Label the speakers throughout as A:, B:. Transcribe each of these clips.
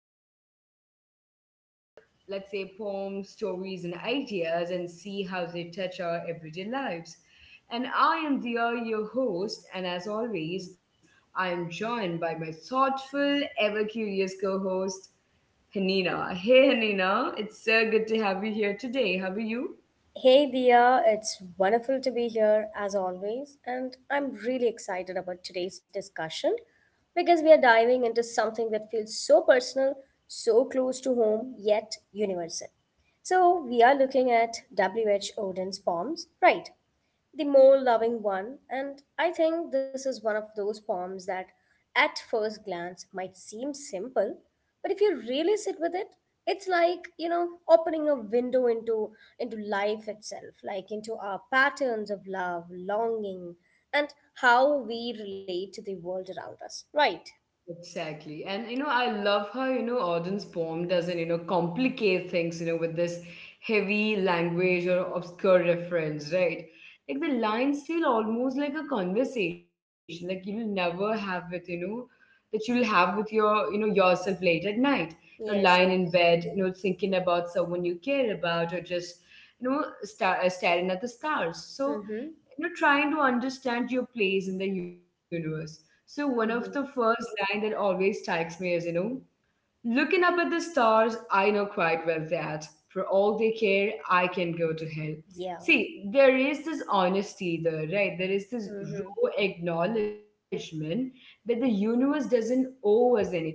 A: where we take let's say poems, stories and ideas and see how they touch our everyday lives. And I am Dia, your host, and as always, I am joined by my thoughtful, ever curious co-host Hanina. Hey Hanina, it's so good to have you here today. How are you?
B: Hey Dia, it's wonderful to be here as always, and I'm really excited about today's discussion because we are diving into something that feels so personal, so close to home, yet universal. So, we are looking at W.H. Odin's poems, right? The more loving one. And I think this is one of those poems that at first glance might seem simple, but if you really sit with it, it's like, you know, opening a window into life itself, like into our patterns of love, longing, and how we relate to the world around us. Right.
A: Exactly. And I love how, Auden's poem doesn't, complicate things, with this heavy language or obscure reference, right? Like the lines feel almost like a conversation, like you'll never have with, that you'll have with your, yourself late at night. Lying
B: Yes,
A: in
B: yes.
A: bed, thinking about someone you care about or just staring at the stars. So
B: Mm-hmm.
A: trying to understand your place in the universe. So one of the
B: Mm-hmm.
A: first line that always strikes me is, looking up at the stars, I know quite well that for all they care, I can go to hell.
B: Yeah.
A: See, there is this honesty there, right? There is this
B: Mm-hmm.
A: raw acknowledgement that the universe doesn't owe us anything.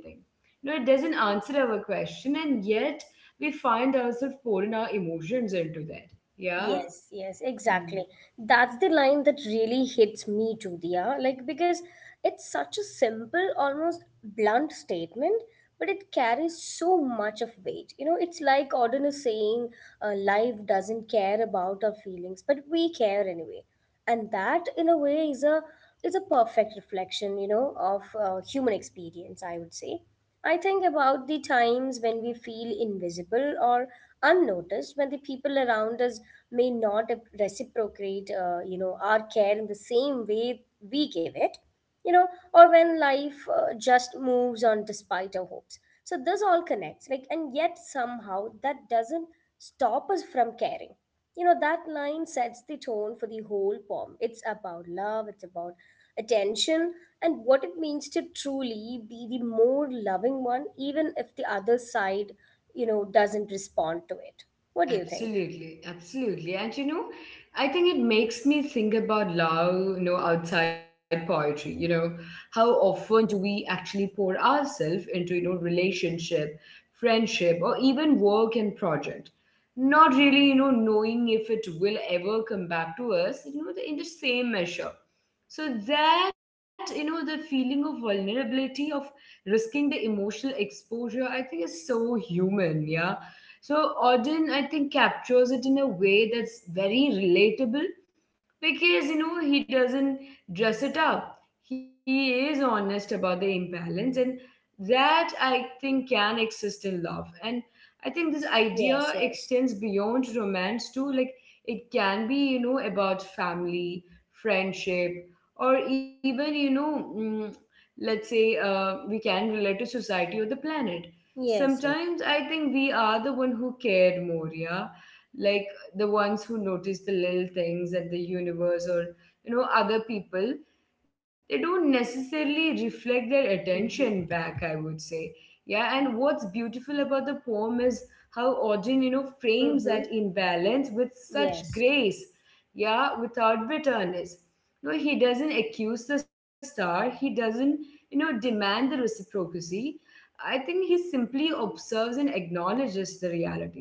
A: No, it doesn't answer our question. And yet we find ourselves pouring our emotions into that, yeah.
B: Yes, yes, exactly. That's the line that really hits me too, Diya. Like, because it's such a simple, almost blunt statement, but it carries so much of weight. You know, it's like Auden is saying, life doesn't care about our feelings, but we care anyway. And that, in a way, is a perfect reflection, you know, of human experience, I would say. I think about the times when we feel invisible or unnoticed, when the people around us may not reciprocate you know, our care in the same way we give it, you know, or when life just moves on despite our hopes. So this all connects, like, and yet somehow that doesn't stop us from caring. You know, that line sets the tone for the whole poem. It's about love, it's about attention, and what it means to truly be the more loving one, even if the other side, you know, doesn't respond to it. What do you think?
A: Absolutely, absolutely. And I think it makes me think about love, outside poetry. How often do we actually pour ourselves into, relationship, friendship, or even work and project? Not really, knowing if it will ever come back to us, in the same measure. So that, the feeling of vulnerability, of risking the emotional exposure, I think is so human, yeah. So Auden, I think, captures it in a way that's very relatable because he doesn't dress it up. He is honest about the imbalance, and that I think can exist in love. And I think this idea
B: Yes, yes.
A: extends beyond romance too. Like it can be, about family, friendship, or even, you know, mm, let's say we can relate to society or the planet.
B: Yes, yes.
A: Sometimes I think we are the one who cared more, yeah? Like the ones who notice the little things that the universe or, other people, they don't necessarily reflect their attention
B: Mm-hmm.
A: back, I would say. Yeah, and what's beautiful about the poem is how Auden, frames
B: Mm-hmm.
A: that imbalance with such
B: Yes.
A: grace, yeah, without bitterness. No, he doesn't accuse the star, he doesn't, demand the reciprocity. I think he simply observes and acknowledges the reality,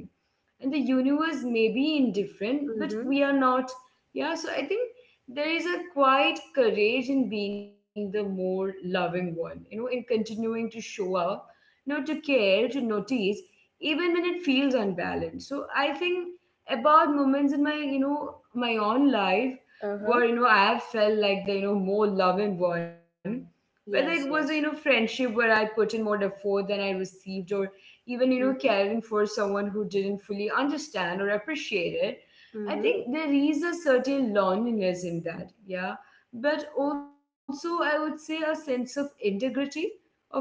A: and the universe may be indifferent but
B: Mm-hmm.
A: we are not, yeah. So I think there is a quiet courage in being the more loving one, in continuing to show up, to care, to notice, even when it feels unbalanced. So I think about moments in my, my own life,
B: Uh-huh.
A: where I have felt like the, more loving one, whether it was,
B: Yes, yes.
A: friendship where I put in more effort than I received, or even,
B: Mm-hmm.
A: caring for someone who didn't fully understand or appreciate it. I
B: Mm-hmm.
A: think there is a certain loneliness in that, yeah, but also I would say a sense of integrity,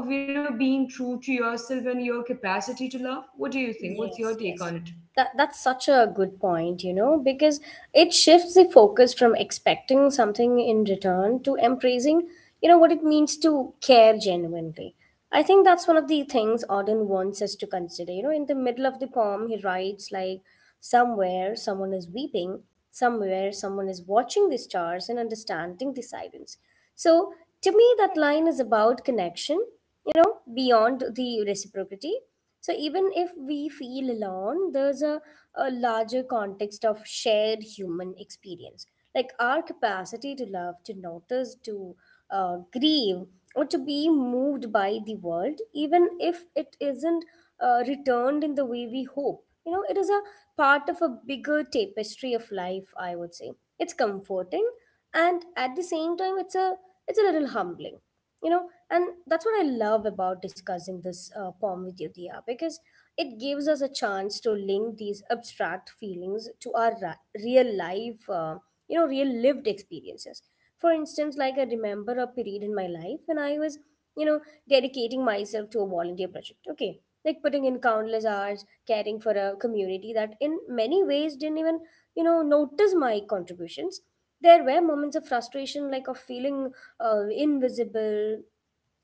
A: of, being true to yourself and your capacity to love. What do you think? What's
B: Yes,
A: your take
B: yes.
A: on it?
B: That's such a good point, you know, because it shifts the focus from expecting something in return to embracing, you know, what it means to care genuinely. I think that's one of the things Auden wants us to consider. You know, in the middle of the poem, he writes like, somewhere someone is weeping, somewhere someone is watching the stars and understanding the silence. So to me, that line is about connection, you know, beyond the reciprocity. So even if we feel alone, there's a larger context of shared human experience. Like our capacity to love, to notice, to grieve, or to be moved by the world, even if it isn't returned in the way we hope. You know, it is a part of a bigger tapestry of life, I would say. It's comforting, and at the same time it's a little humbling, you know. And that's what I love about discussing this poem with you, Dia, because it gives us a chance to link these abstract feelings to our real life, you know, real lived experiences. For instance, like I remember a period in my life when I was, you know, dedicating myself to a volunteer project. Okay. Like putting in countless hours, caring for a community that in many ways didn't even, you know, notice my contributions. There were moments of frustration, like of feeling invisible,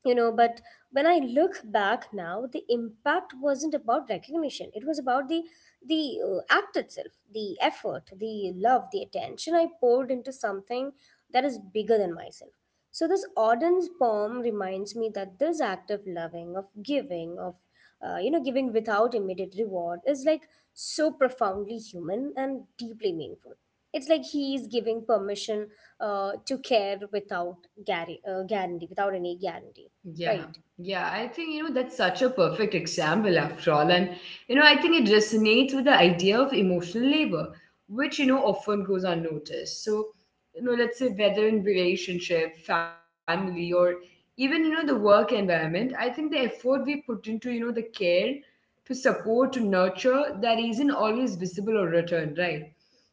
B: you know. But when I look back now, the impact wasn't about recognition. It was about the act itself, the effort, the love, the attention I poured into something that is bigger than myself. So this Auden's poem reminds me that this act of loving, of giving, of you know, giving without immediate reward is like so profoundly human and deeply meaningful. It's like he is giving permission to care without guarantee, guarantee without any guarantee,
A: Yeah,
B: right?
A: yeah, I think, that's such a perfect example after all, and I think it resonates with the idea of emotional labor, which often goes unnoticed. So, you know, let's say whether in relationship, family, or even, the work environment, I think the effort we put into, the care, to support, to nurture, that isn't always visible or returned, right?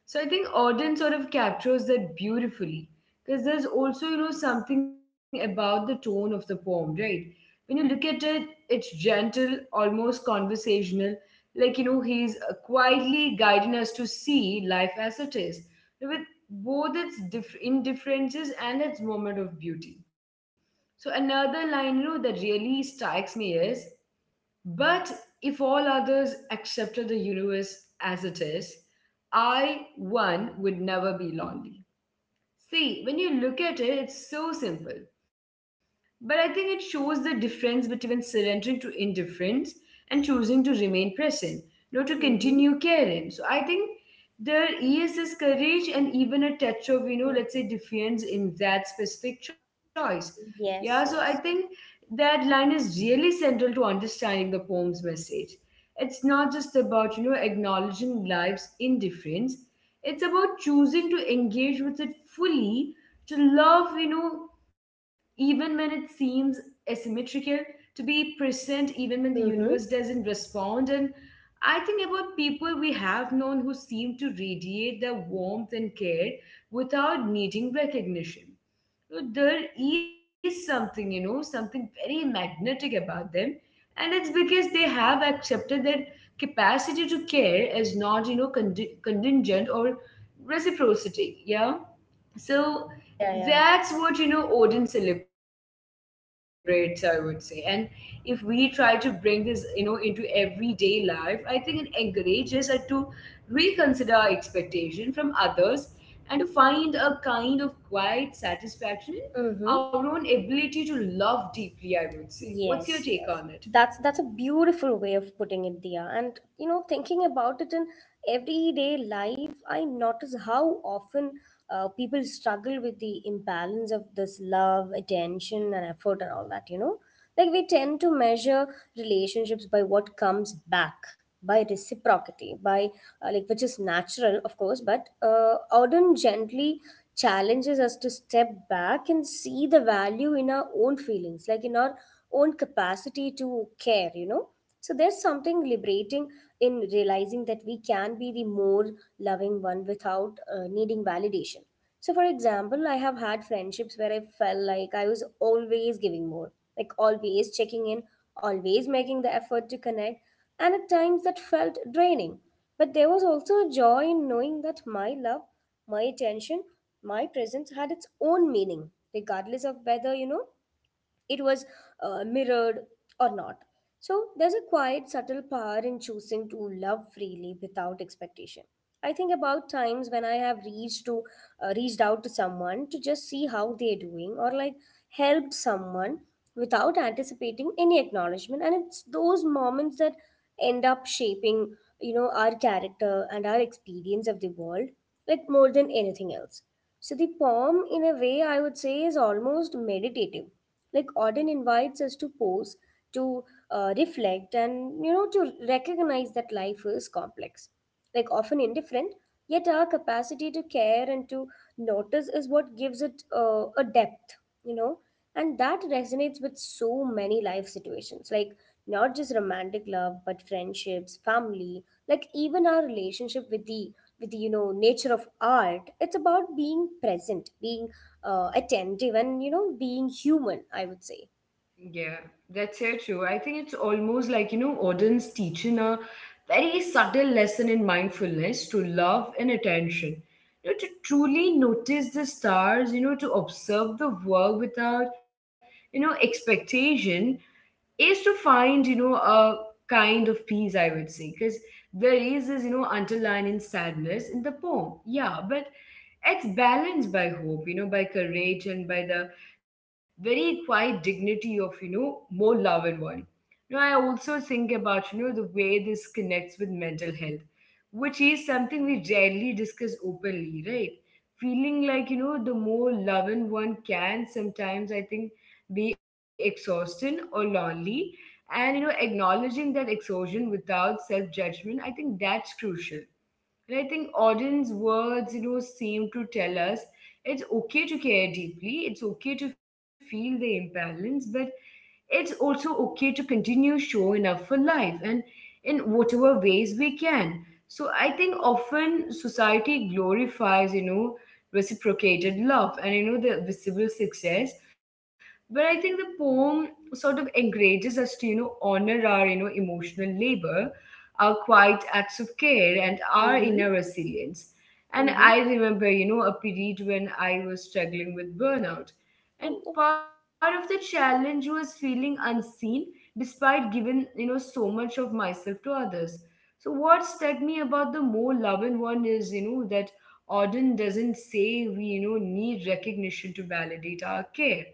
A: So I think Auden sort of captures that beautifully because there's also, something about the tone of the poem, right? When you look at it, it's gentle, almost conversational, like, he's quietly guiding us to see life as it is, with both its indifferences and its moment of beauty. So another line, that really strikes me is, but if all others accepted the universe as it is, I one would never be lonely. See, when you look at it, it's so simple. But I think it shows the difference between surrendering to indifference and choosing to remain present, not to
B: Mm-hmm.
A: continue caring. So I think there is this courage and even a touch of, you know, let's say defiance in that specific choice. Yeah, so I
B: Yes,
A: think
B: yes, yes.
A: that line is really central to understanding the poem's message. It's not just about, acknowledging life's indifference. It's about choosing to engage with it fully, to love, even when it seems asymmetrical, to be present even when the universe
B: Mm-hmm.
A: doesn't respond. And I think about people we have known who seem to radiate their warmth and care without needing recognition. So there is something, something very magnetic about them. And it's because they have accepted their capacity to care as not, contingent or reciprocity. Yeah. So
B: Yeah, yeah.
A: that's what, Odin celebrates, I would say. And if we try to bring this, into everyday life, I think it encourages us to reconsider our expectation from others and to find a kind of quiet satisfaction in our own
B: Mm-hmm.
A: ability to love deeply, I would say. What's your take
B: Yes,
A: on it?
B: yes. That's a beautiful way of putting it, Dia. And you know, thinking about it in everyday life, I notice how often people struggle with the imbalance of this love, attention, and effort, and all that. You know, like we tend to measure relationships by what comes back, by reciprocity, by like, which is natural, of course. But Auden gently challenges us to step back and see the value in our own feelings, like in our own capacity to care, you know. So there's something liberating in realizing that we can be the more loving one without needing validation. So, for example, I have had friendships where I felt like I was always giving more, like always checking in, always making the effort to connect, and at times that felt draining. But there was also a joy in knowing that my love, my attention, my presence had its own meaning, regardless of whether, you know, it was mirrored or not. So there's a quiet, subtle power in choosing to love freely without expectation. I think about times when I have reached out to someone to just see how they're doing, or like helped someone without anticipating any acknowledgement. And it's those moments that end up shaping, you know, our character and our experience of the world, like more than anything else. So the poem, in a way, I would say is almost meditative. Like Auden invites us to pause, to reflect, and, you know, to recognize that life is complex, like often indifferent. Yet our capacity to care and to notice is what gives it a depth, you know. And that resonates with so many life situations, like not just romantic love, but friendships, family, like even our relationship with the you know, nature of art. It's about being present, being attentive, and, you know, being human, I would say.
A: Yeah, that's so true. I think it's almost like, Auden's teaching a very subtle lesson in mindfulness to love and attention. To truly notice the stars, to observe the world without, expectation, is to find, a kind of peace, I would say. Because there is this, underlying sadness in the poem, yeah, but it's balanced by hope, by courage and by the very quiet dignity of, more love and one. I also think about, the way this connects with mental health, which is something we rarely discuss openly, right? Feeling like, the more loving one, can sometimes, I think, be exhausted or lonely. And, acknowledging that exhaustion without self-judgment, I think that's crucial. And I think audience words, seem to tell us it's okay to care deeply, it's okay to feel the imbalance, but it's also okay to continue showing up for life, and in whatever ways we can. So I think often society glorifies, reciprocated love and, the visible success. But I think the poem sort of encourages us to, honor our, emotional labor, our quiet acts of care, and our inner
B: Mm-hmm.
A: resilience. And
B: Mm-hmm.
A: I remember, a period when I was struggling with burnout, and
B: um,
A: part of the challenge was feeling unseen despite giving, so much of myself to others. So what struck me about the more loving one is, that Auden doesn't say we, need recognition to validate our care.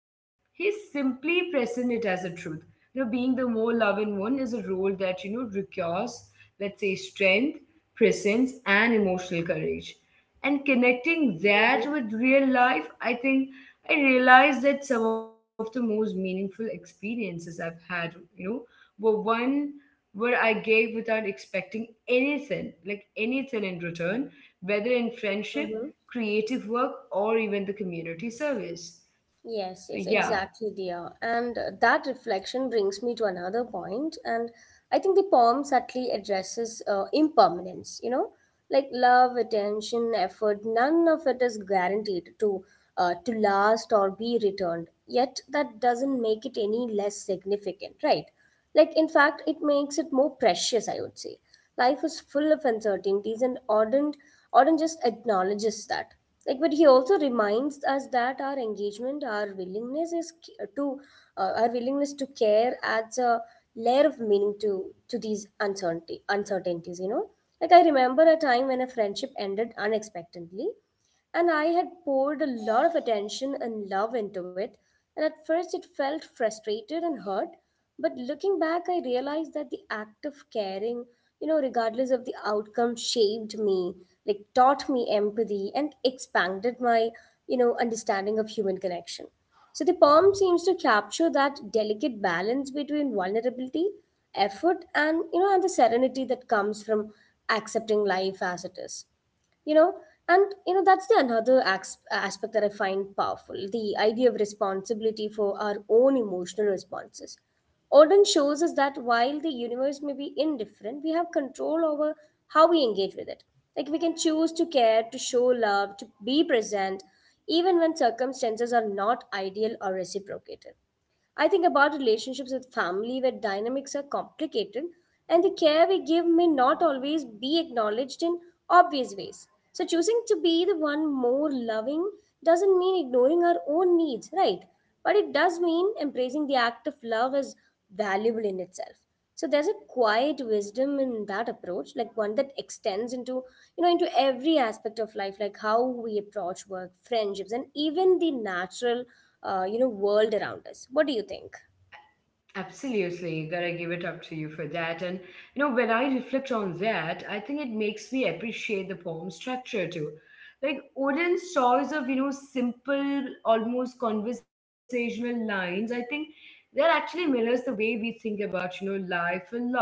A: He's simply present it as a truth. Being the more loving one is a role that, requires, strength, presence, and emotional courage. And connecting that with real life, I think I realized that some of the most meaningful experiences I've had, you know, were one where I gave without expecting anything, like anything in return, whether in friendship,
B: Mm-hmm.
A: creative work, or even the community service. So,
B: Yes,
A: yeah,
B: yes, exactly, dear. And that reflection brings me to another point. And I think the poem subtly addresses impermanence, you know. Like love, attention, effort, none of it is guaranteed to last or be returned. Yet that doesn't make it any less significant, right? Like in fact, it makes it more precious, I would say. Life is full of uncertainties, and Auden just acknowledges that. Like, but he also reminds us that our engagement, our willingness is c- to our willingness to care adds a layer of meaning to these uncertainty uncertainties, you know. Like I remember a time when a friendship ended unexpectedly, and I had poured a lot of attention and love into it, and at first it felt frustrated and hurt. But looking back, I realized that the act of caring, you know, regardless of the outcome, shaped me, like taught me empathy, and expanded my, you know, understanding of human connection. So the poem seems to capture that delicate balance between vulnerability, effort, and, you know, and the serenity that comes from accepting life as it is, you know. And you know, that's the another aspect that I find powerful: the idea of responsibility for our own emotional responses. Auden shows us that while the universe may be indifferent, we have control over how we engage with it. Like we can choose to care, to show love, to be present, even when circumstances are not ideal or reciprocated. I think about relationships with family where dynamics are complicated and the care we give may not always be acknowledged in obvious ways. So, choosing to be the one more loving doesn't mean ignoring our own needs, right? But it does mean embracing the act of love as valuable in itself. So there's a quiet wisdom in that approach, like one that extends into every aspect of life, like how we approach work, friendships, and even the natural you know, world around us. What do you think?
A: absolutely, gotta give it up to you for that. And when I reflect on that, I think it makes me appreciate the poem structure too. Like Odin's choice of, simple, almost conversational lines, I think that actually mirrors the way we think about, life and love.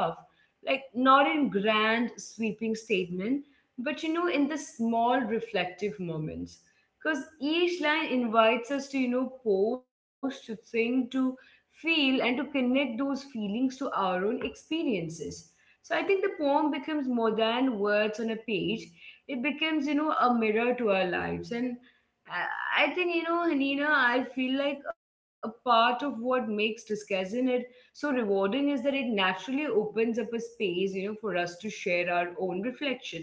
A: Like not in grand sweeping statement, but, in the small reflective moments. Because each line invites us to, pause, to think, to feel, and to connect those feelings to our own experiences. So I think the poem becomes more than words on a page. It becomes, a mirror to our lives. And I I think, you know, Hanina, I feel like a part of what makes discussing it so rewarding is that it naturally opens up a space, you know, for us to share our own reflection,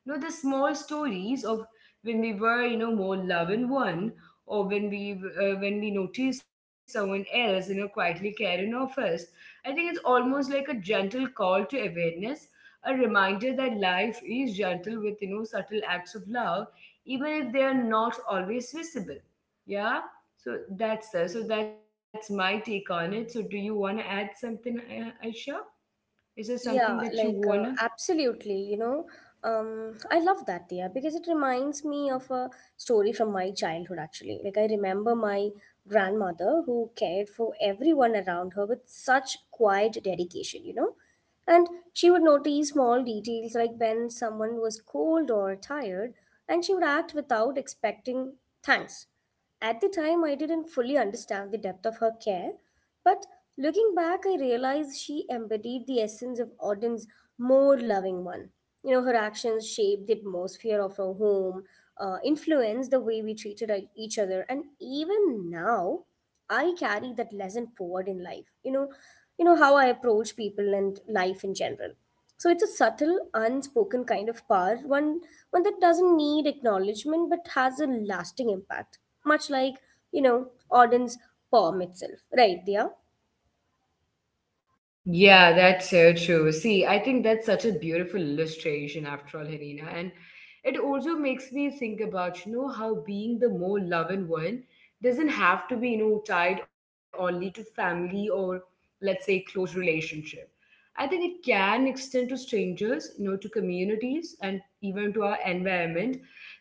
A: you know, the small stories of when we were, you know, more love and one, or when we noticed someone else, you know, quietly caring of us. I think it's almost like a gentle call to awareness, a reminder that life is gentle with, you know, subtle acts of love, even if they are not always visible. Yeah, so that's my take on it. So do you want to add something, Aisha? Is there something that
B: Yeah,
A: you
B: like,
A: want to?
B: absolutely, you know. I love that there, because it reminds me of a story from my childhood, actually. Like I remember my grandmother, who cared for everyone around her with such quiet dedication, you know. And she would notice small details, like when someone was cold or tired, and she would act without expecting thanks. At the time, I didn't fully understand the depth of her care, but looking back, I realized she embodied the essence of Auden's more loving one. You know, her actions shaped the atmosphere of our home, influenced the way we treated each other, and even now, I carry that lesson forward in life. You know, you know, how I approach people and life in general. So it's a subtle, unspoken kind of power, one that doesn't need acknowledgement but has a lasting impact. Much like, you know, Auden's poem itself. Right, Dia?
A: Yeah, that's so true. See, I think that's such a beautiful illustration after all, Helena. And it also makes me think about, you know, how being the more loving one doesn't have to be, you know, tied only to family or, let's say, close relationship. I think it can extend to strangers, you know, to communities and even to our environment,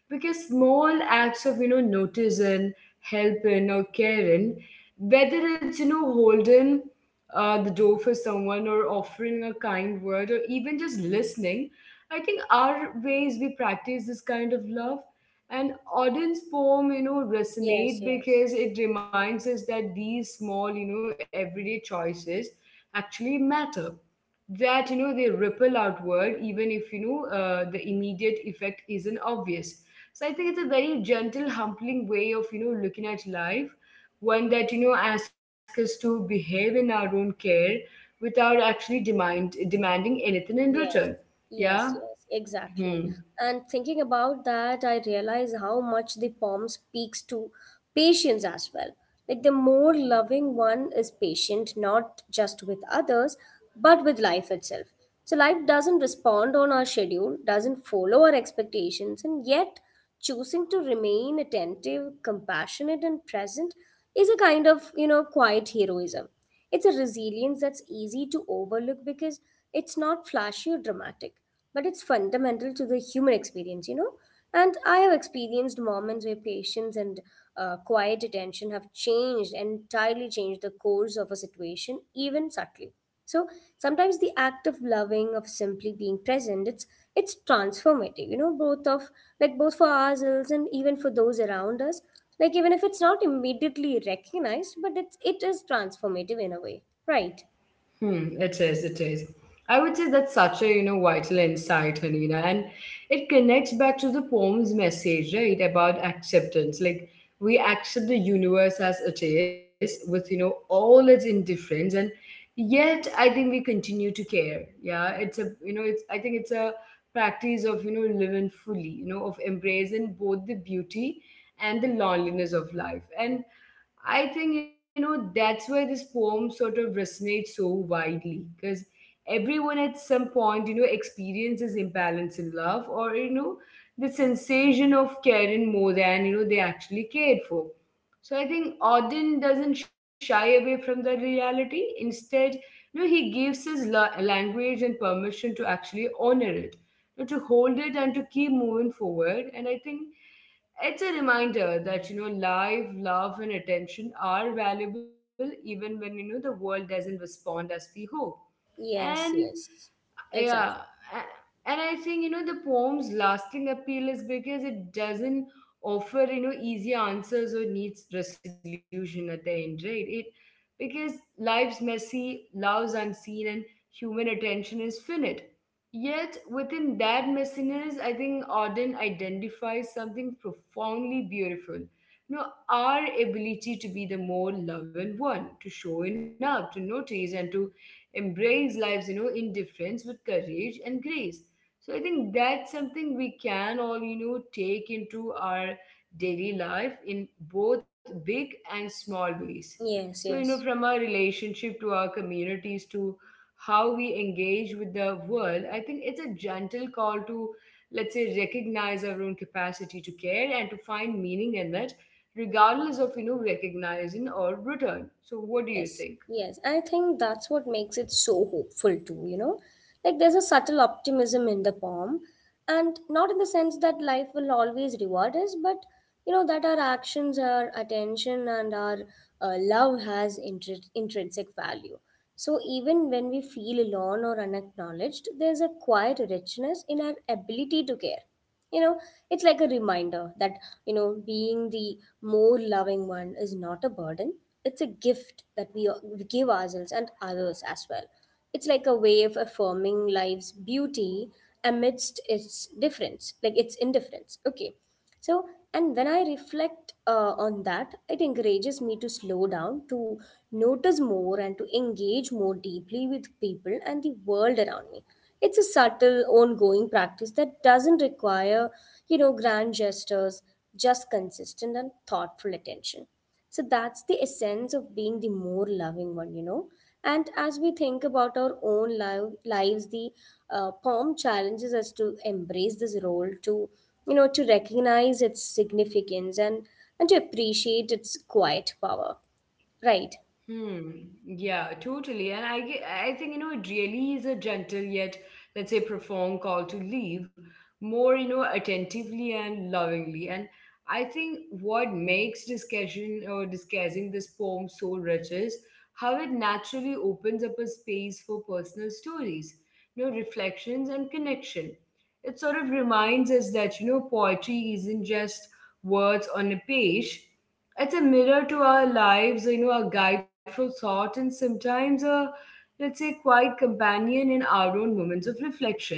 A: because small acts of, you know, noticing, helping or caring, whether it's, you know, holding the door for someone or offering a kind word or even just listening. I think our ways we practice this kind of love, and Auden's poem, you know,
B: Yes,
A: resonate
B: yes,
A: because it reminds us that these small, you know, everyday choices actually matter, that, you know, they ripple outward, even if, you know, the immediate effect isn't obvious. So I think it's a very gentle, humbling way of, you know, looking at life, one that, you know, asks us to behave in our own care without actually demanding anything in return.
B: yes,
A: Yeah.
B: yes, yes, exactly.
A: Hmm.
B: And thinking about that, I realize how much the poem speaks to patience as well. Like the more loving one is patient, not just with others, but with life itself. So life doesn't respond on our schedule, doesn't follow our expectations, and yet choosing to remain attentive, compassionate, and present is a kind of, quiet heroism. It's a resilience that's easy to overlook because it's not flashy or dramatic, but it's fundamental to the human experience, you know? And I have experienced moments where patience and quiet attention have entirely changed the course of a situation, even subtly. So sometimes the act of loving, of simply being present, it's transformative, both of like both for ourselves and even for those around us. Like even if it's not immediately recognized, but it is transformative in a way. Right.
A: Hmm, it is, it is. I would say that's such a, you know, vital insight, Hanina, and it connects back to the poem's message, right, about acceptance. Like we accept the universe as it is, with, you know, all its indifference, and yet I think we continue to care. Yeah, it's a, you know, it's, I think it's a practice of, you know, living fully, you know, of embracing both the beauty and the loneliness of life. And I think, you know, that's why this poem sort of resonates so widely, because everyone at some point, you know, experiences imbalance in love or, you know, the sensation of caring more than, you know, they actually cared for. So I think Auden doesn't shy away from the reality. Instead, you know, he gives language and permission to actually honor it, you know, to hold it and to keep moving forward. And I think it's a reminder that, you know, life, love and attention are valuable even when, you know, the world doesn't respond as we hope.
B: Yes,
A: And
B: yes.
A: yeah,
B: Exactly.
A: and I think, you know, the poem's lasting appeal is because it doesn't offer, you know, easy answers or needs resolution at the end, right? It, because life's messy, love's unseen, and human attention is finite. Yet within that messiness, I think Auden identifies something profoundly beautiful, you know, our ability to be the more loving one, to showing up, to notice, and to embrace lives, you know, indifference with courage and grace. So I think that's something we can all, you know, take into our daily life in both big and small ways.
B: Yes,
A: So, you know,
B: yes.
A: from our relationship to our communities to how we engage with the world, I think it's a gentle call to, let's say, recognize our own capacity to care and to find meaning in it, regardless of, you know, recognizing or return. So what do you
B: Yes,
A: think?
B: yes. I think that's what makes it so hopeful too, you know? Like there's a subtle optimism in the poem, and not in the sense that life will always reward us, but you know that our actions, our attention, and our love has intrinsic value. So even when we feel alone or unacknowledged, there's a quiet richness in our ability to care you know it's like a reminder that being the more loving one is not a burden. It's a gift that we give ourselves and others as well. It's like a way of affirming life's beauty amidst its difference, like its indifference. Okay. So, and when I reflect on that, it encourages me to slow down, to notice more, and to engage more deeply with people and the world around me. It's a subtle, ongoing practice that doesn't require, grand gestures, just consistent and thoughtful attention. So that's the essence of being the more loving one. And as we think about our own lives, the poem challenges us to embrace this role, to recognize its significance and to appreciate its quiet power, right?
A: Hmm. Yeah, totally. And I think, you know, it really is a gentle, yet, let's say, profound call to leave more, you know, attentively and lovingly. And I think what makes discussion or discussing this poem so rich is how it naturally opens up a space for personal stories, you know, reflections and connection. It sort of reminds us that, you know, poetry isn't just words on a page, it's a mirror to our lives, you know, a guide for thought, and sometimes a, let's say, quiet companion in our own moments of reflection.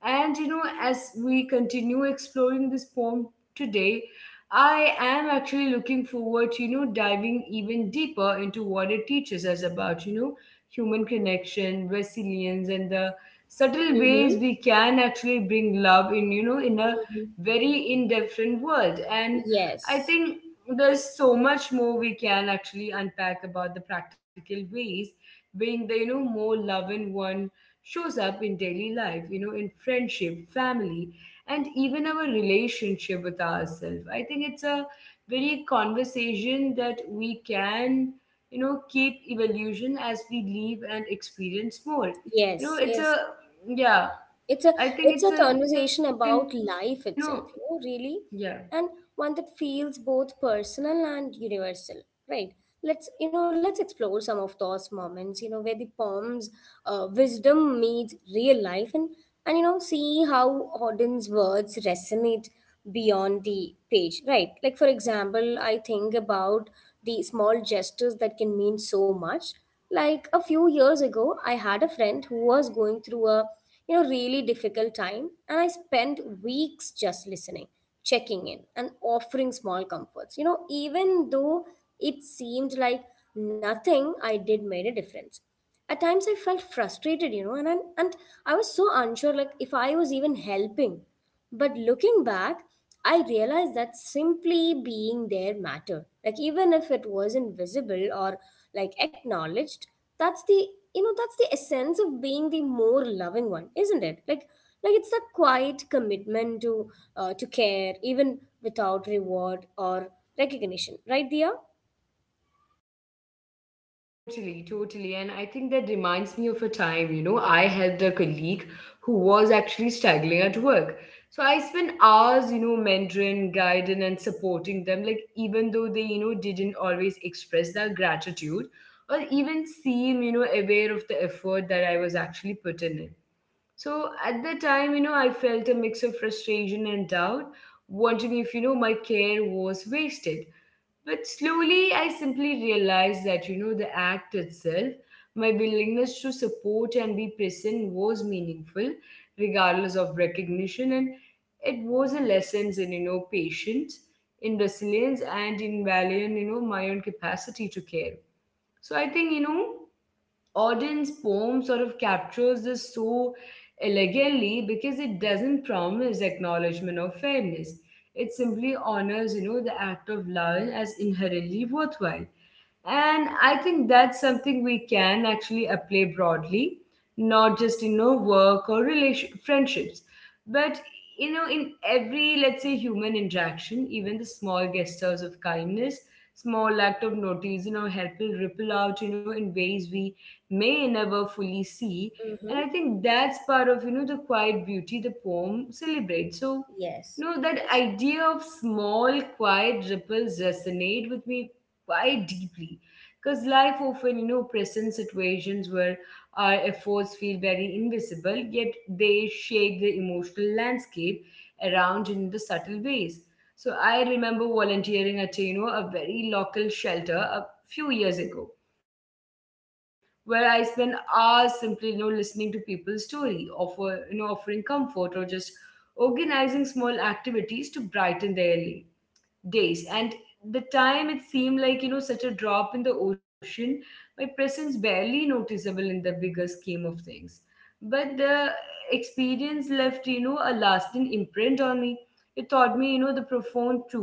A: And, you know, as we continue exploring this poem today, I am actually looking forward to, you know, diving even deeper into what it teaches us about, you know, human connection, resilience, and the subtle
B: Mm-hmm.
A: ways we can actually bring love in, you know, in a
B: Mm-hmm.
A: very indifferent world. And I
B: Yes.
A: think there's so much more we can actually unpack about the practical ways being the, you know, more loving one shows up in daily life, you know, in friendship, family, and even our relationship with ourselves. I think it's a very conversation that we can, you know, keep evolution as we live and experience more. You know,
B: Yes.
A: it's
B: Yes.
A: a, yeah,
B: it's a
A: I think
B: it's
A: it's
B: a
A: a, you know,
B: conversation about
A: yeah.
B: life itself, really. And one that feels both personal and universal, right? Let's you know let's explore some of those moments, where the poem's wisdom meets real life, and see how Auden's words resonate beyond the page, right? Like for example, I think about the small gestures that can mean so much. Like a few years ago, I had a friend who was going through a really difficult time, and I spent weeks just listening, checking in, and offering small comforts, even though it seemed like nothing I did made a difference. At times I felt frustrated, and I was so unsure, like if I was even helping. But looking back, I realized that simply being there mattered, like even if it wasn't visible or like acknowledged. That's the you know that's the essence of being the more loving one, isn't it? Like it's the quiet commitment to care even without reward or recognition, right, Dia?
A: Totally, totally. And I think that reminds me of a time, you know, I helped a colleague who was actually struggling at work. So I spent hours, you know, mentoring, guiding, and supporting them, like even though they, you know, didn't always express their gratitude or even seem, you know, aware of the effort that I was actually putting in. So at the time, you know, I felt a mix of frustration and doubt, wondering if, you know, my care was wasted. But slowly, I simply realized that, you know, the act itself, my willingness to support and be present was meaningful, regardless of recognition. And it was a lesson in, you know, patience, in resilience, and in value, and, you know, my own capacity to care. So I think, you know, Auden's poem sort of captures this so elegantly, because it doesn't promise acknowledgement or fairness. It simply honors, you know, the act of loving as inherently worthwhile. And I think that's something we can actually apply broadly, not just in our work or relation friendships, but, you know, in every, let's say, human interaction, even the small gestures of kindness, small act of notice, you know, help will ripple out, you know, in ways we may never fully see. And
B: Mm-hmm.
A: I think that's part of, you know, the quiet beauty the poem celebrates. So, you
B: Yes.
A: know, that
B: Yes.
A: idea of small, quiet ripples resonate with me quite deeply. Because life often, you know, presents situations where our efforts feel very invisible, yet they shape the emotional landscape around in the subtle ways. So I remember volunteering at, a, you know, a very local shelter a few years ago, where I spend hours simply, you know, listening to people's story, you know, offering comfort or just organizing small activities to brighten their day days. And the time it seemed like, you know, such a drop in the ocean, my presence barely noticeable in the bigger scheme of things. But the experience left, you know, a lasting imprint on me. It taught me, you know, the profound truth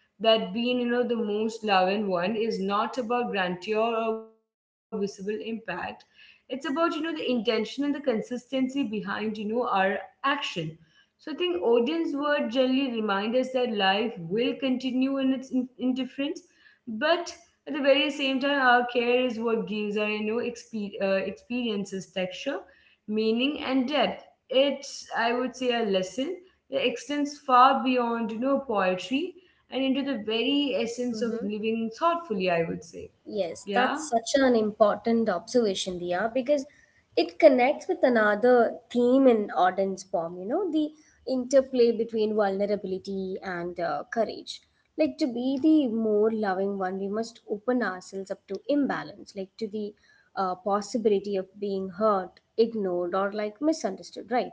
A: that being, you know, the most loving one is not about grandeur or visible impact. It's about, you know, the intention and the consistency behind, you know, our action. So I think audience word generally remind us that life will continue in its indifference, but at the very same time, our care is what gives our, you know, experiences texture, meaning, and depth. It's, I would say, a lesson that extends far beyond, you know, poetry and into the very essence of
B: Mm-hmm.
A: living thoughtfully, I would say.
B: Yes, that's
A: Yeah.
B: such an important observation, Dia, because it connects with another theme in Auden's poem, the interplay between vulnerability and courage. Like, to be the more loving one, we must open ourselves up to imbalance, like to the possibility of being hurt, ignored, or like misunderstood, right?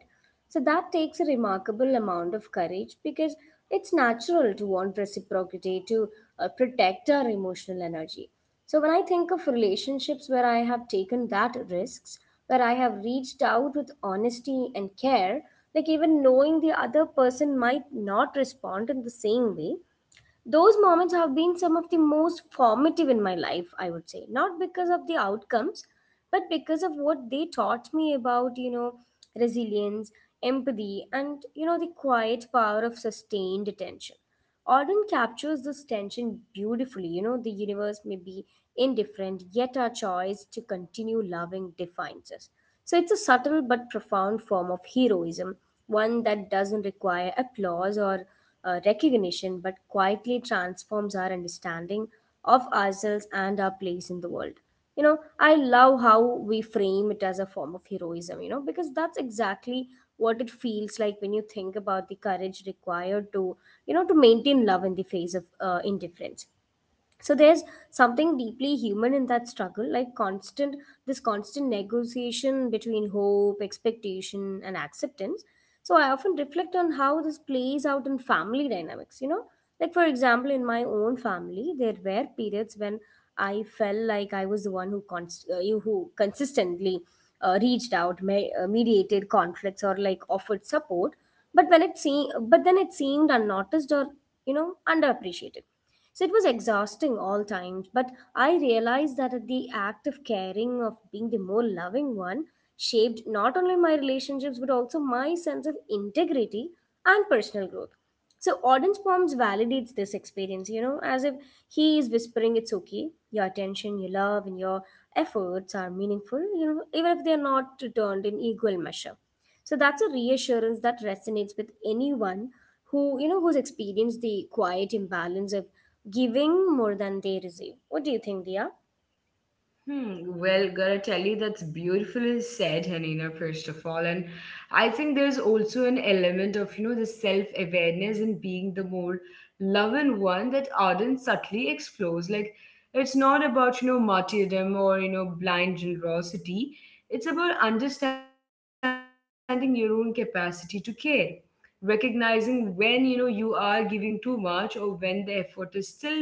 B: So that takes a remarkable amount of courage because it's natural to want reciprocity, to protect our emotional energy. So when I think of relationships where I have taken that risks, where I have reached out with honesty and care, like even knowing the other person might not respond in the same way, those moments have been some of the most formative in my life, I would say. Not because of the outcomes, but because of what they taught me about, resilience, empathy, and the quiet power of sustained attention. Auden captures this tension beautifully. The universe may be indifferent, yet our choice to continue loving defines us. So it's a subtle but profound form of heroism, one that doesn't require applause or recognition, but quietly transforms our understanding of ourselves and our place in the world. I love how we frame it as a form of heroism, because that's exactly what it feels like when you think about the courage required to maintain love in the face of indifference. So there's something deeply human in that struggle, like constant this constant negotiation between hope, expectation, and acceptance. So I often reflect on how this plays out in family dynamics, like for example in my own family there were periods when I felt like I was the one who consistently reached out, mediated conflicts, or like offered support, but then it seemed unnoticed or underappreciated. So it was exhausting all times, but I realized that the act of caring, of being the more loving one, shaped not only my relationships but also my sense of integrity and personal growth. So Auden's poems validates this experience, as if he is whispering, "It's okay. Your attention, your love, and your efforts are meaningful, even if they are not returned in equal measure." So that's a reassurance that resonates with anyone who's experienced the quiet imbalance of giving more than they receive. What do you think, Dia?
A: Hmm. Well, gotta tell you, that's beautifully said, Hanina, first of all. And I think there's also an element of, you know, the self-awareness and being the more loving one that Arden subtly explores. Like, it's not about, you know, martyrdom or, you know, blind generosity. It's about understanding your own capacity to care, recognizing when, you know, you are giving too much or when the effort is still, you know,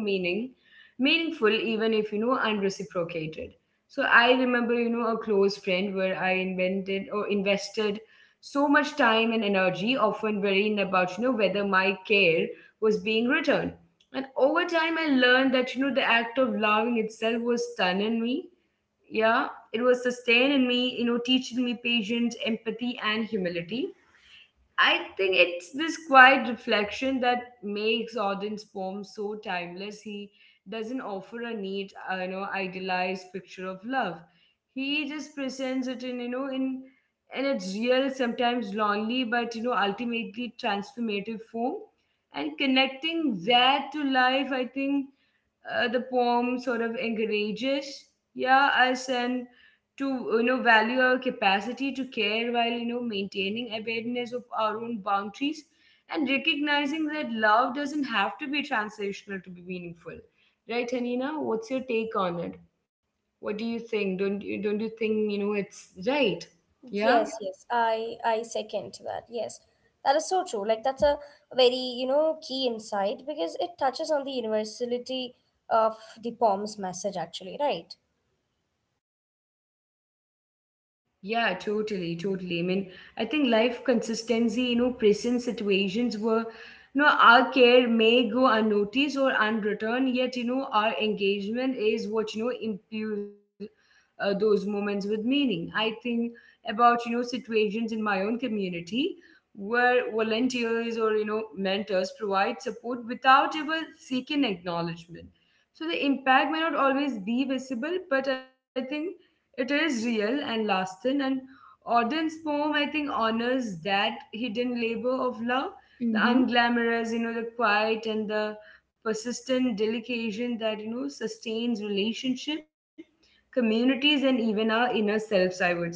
A: meaningful, even if, you know, unreciprocated. So I remember, you know, a close friend where I invented or invested so much time and energy, often worrying about, you know, whether my care was being returned. And over time, I learned that, you know, the act of loving itself was stunning me. Yeah, it was sustaining me, you know, teaching me patience, empathy, and humility. I think it's this quiet reflection that makes Auden's poem so timeless. He doesn't offer a neat, you know, idealized picture of love. He just presents it in, you know, in its real, sometimes lonely, but, you know, ultimately transformative form. And connecting that to life, I think the poem sort of encourages, yeah, us, and to, you know, value our capacity to care while, you know, maintaining awareness of our own boundaries, and recognizing that love doesn't have to be transitional to be meaningful, right? Hanina, what's your take on it? What do you think? Don't you, don't you think, you know, it's right? Yeah.
B: Yes, yes, I second to that. Yes, that is so true. Like that's a very key insight because it touches on the universality of the poem's message actually, right?
A: Yeah, totally, totally. I mean, I think life consistency, you know, present situations where, you know, our care may go unnoticed or unreturned, yet, you know, our engagement is what, you know, imbues those moments with meaning. I think about, you know, situations in my own community where volunteers or, you know, mentors provide support without ever seeking acknowledgement. So the impact may not always be visible, but I think it is real and lasting, and Auden's poem, I think, honors that hidden labor of love, the
B: Mm-hmm.
A: unglamorous, you know, the quiet and the persistent delication that, you know, sustains relationship, communities, and even our inner selves, I would say.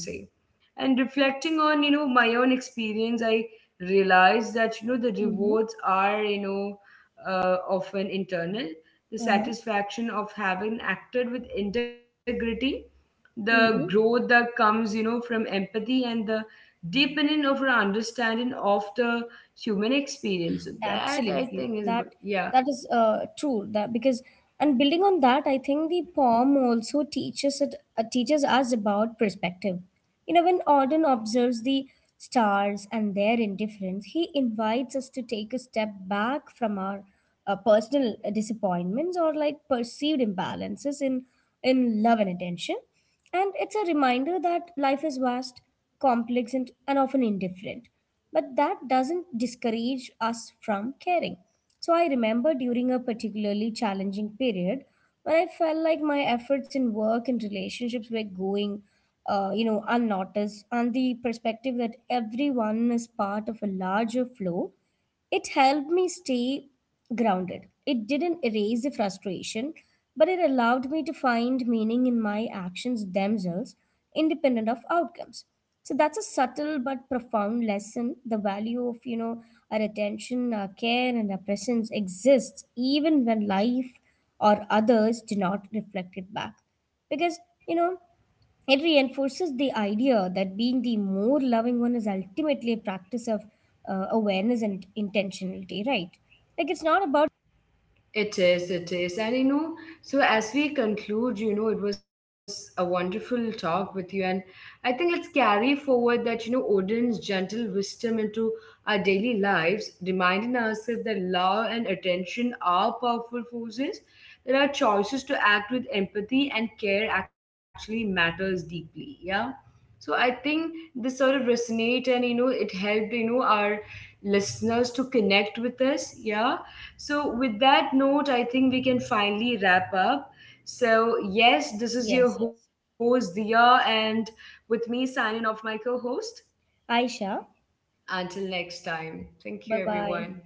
A: And reflecting on, you know, my own experience, I realized that, you know, the rewards are, you know, often internal, the
B: Mm-hmm.
A: satisfaction of having acted with integrity, the growth
B: Uh-huh.
A: that comes, you know, from empathy, and the deepening of our understanding of the human experience. So that, I
B: Absolutely.
A: think, is
B: That
A: yeah.
B: that is true. That because and building on that, I think the poem also teaches us about perspective. When Auden observes the stars and their indifference, he invites us to take a step back from our personal disappointments or like perceived imbalances in love and attention. And it's a reminder that life is vast, complex, and often indifferent, but that doesn't discourage us from caring. So I remember during a particularly challenging period when I felt like my efforts in work and relationships were going, unnoticed, and the perspective that everyone is part of a larger flow, it helped me stay grounded. It didn't erase the frustration, but it allowed me to find meaning in my actions themselves, independent of outcomes. So that's a subtle but profound lesson. The value of, our attention, our care, and our presence exists even when life or others do not reflect it back, because you know it reinforces the idea that being the more loving one is ultimately a practice of awareness and intentionality, right? Like it's not about.
A: It is, it is. And, you know, so as we conclude, you know, it was a wonderful talk with you. And I think let's carry forward that, you know, Odin's gentle wisdom into our daily lives, reminding ourselves that love and attention are powerful forces, that our choices to act with empathy and care actually matters deeply. Yeah. So I think this sort of resonate, and, you know, it helped, you know, our listeners to connect with us. Yeah. So, with that note, I think we can finally wrap up. So, yes, this is your
B: Yes, yes.
A: host, Dia, and with me signing off my co host.
B: Aisha,
A: Until next time, thank you,
B: bye bye.
A: everyone.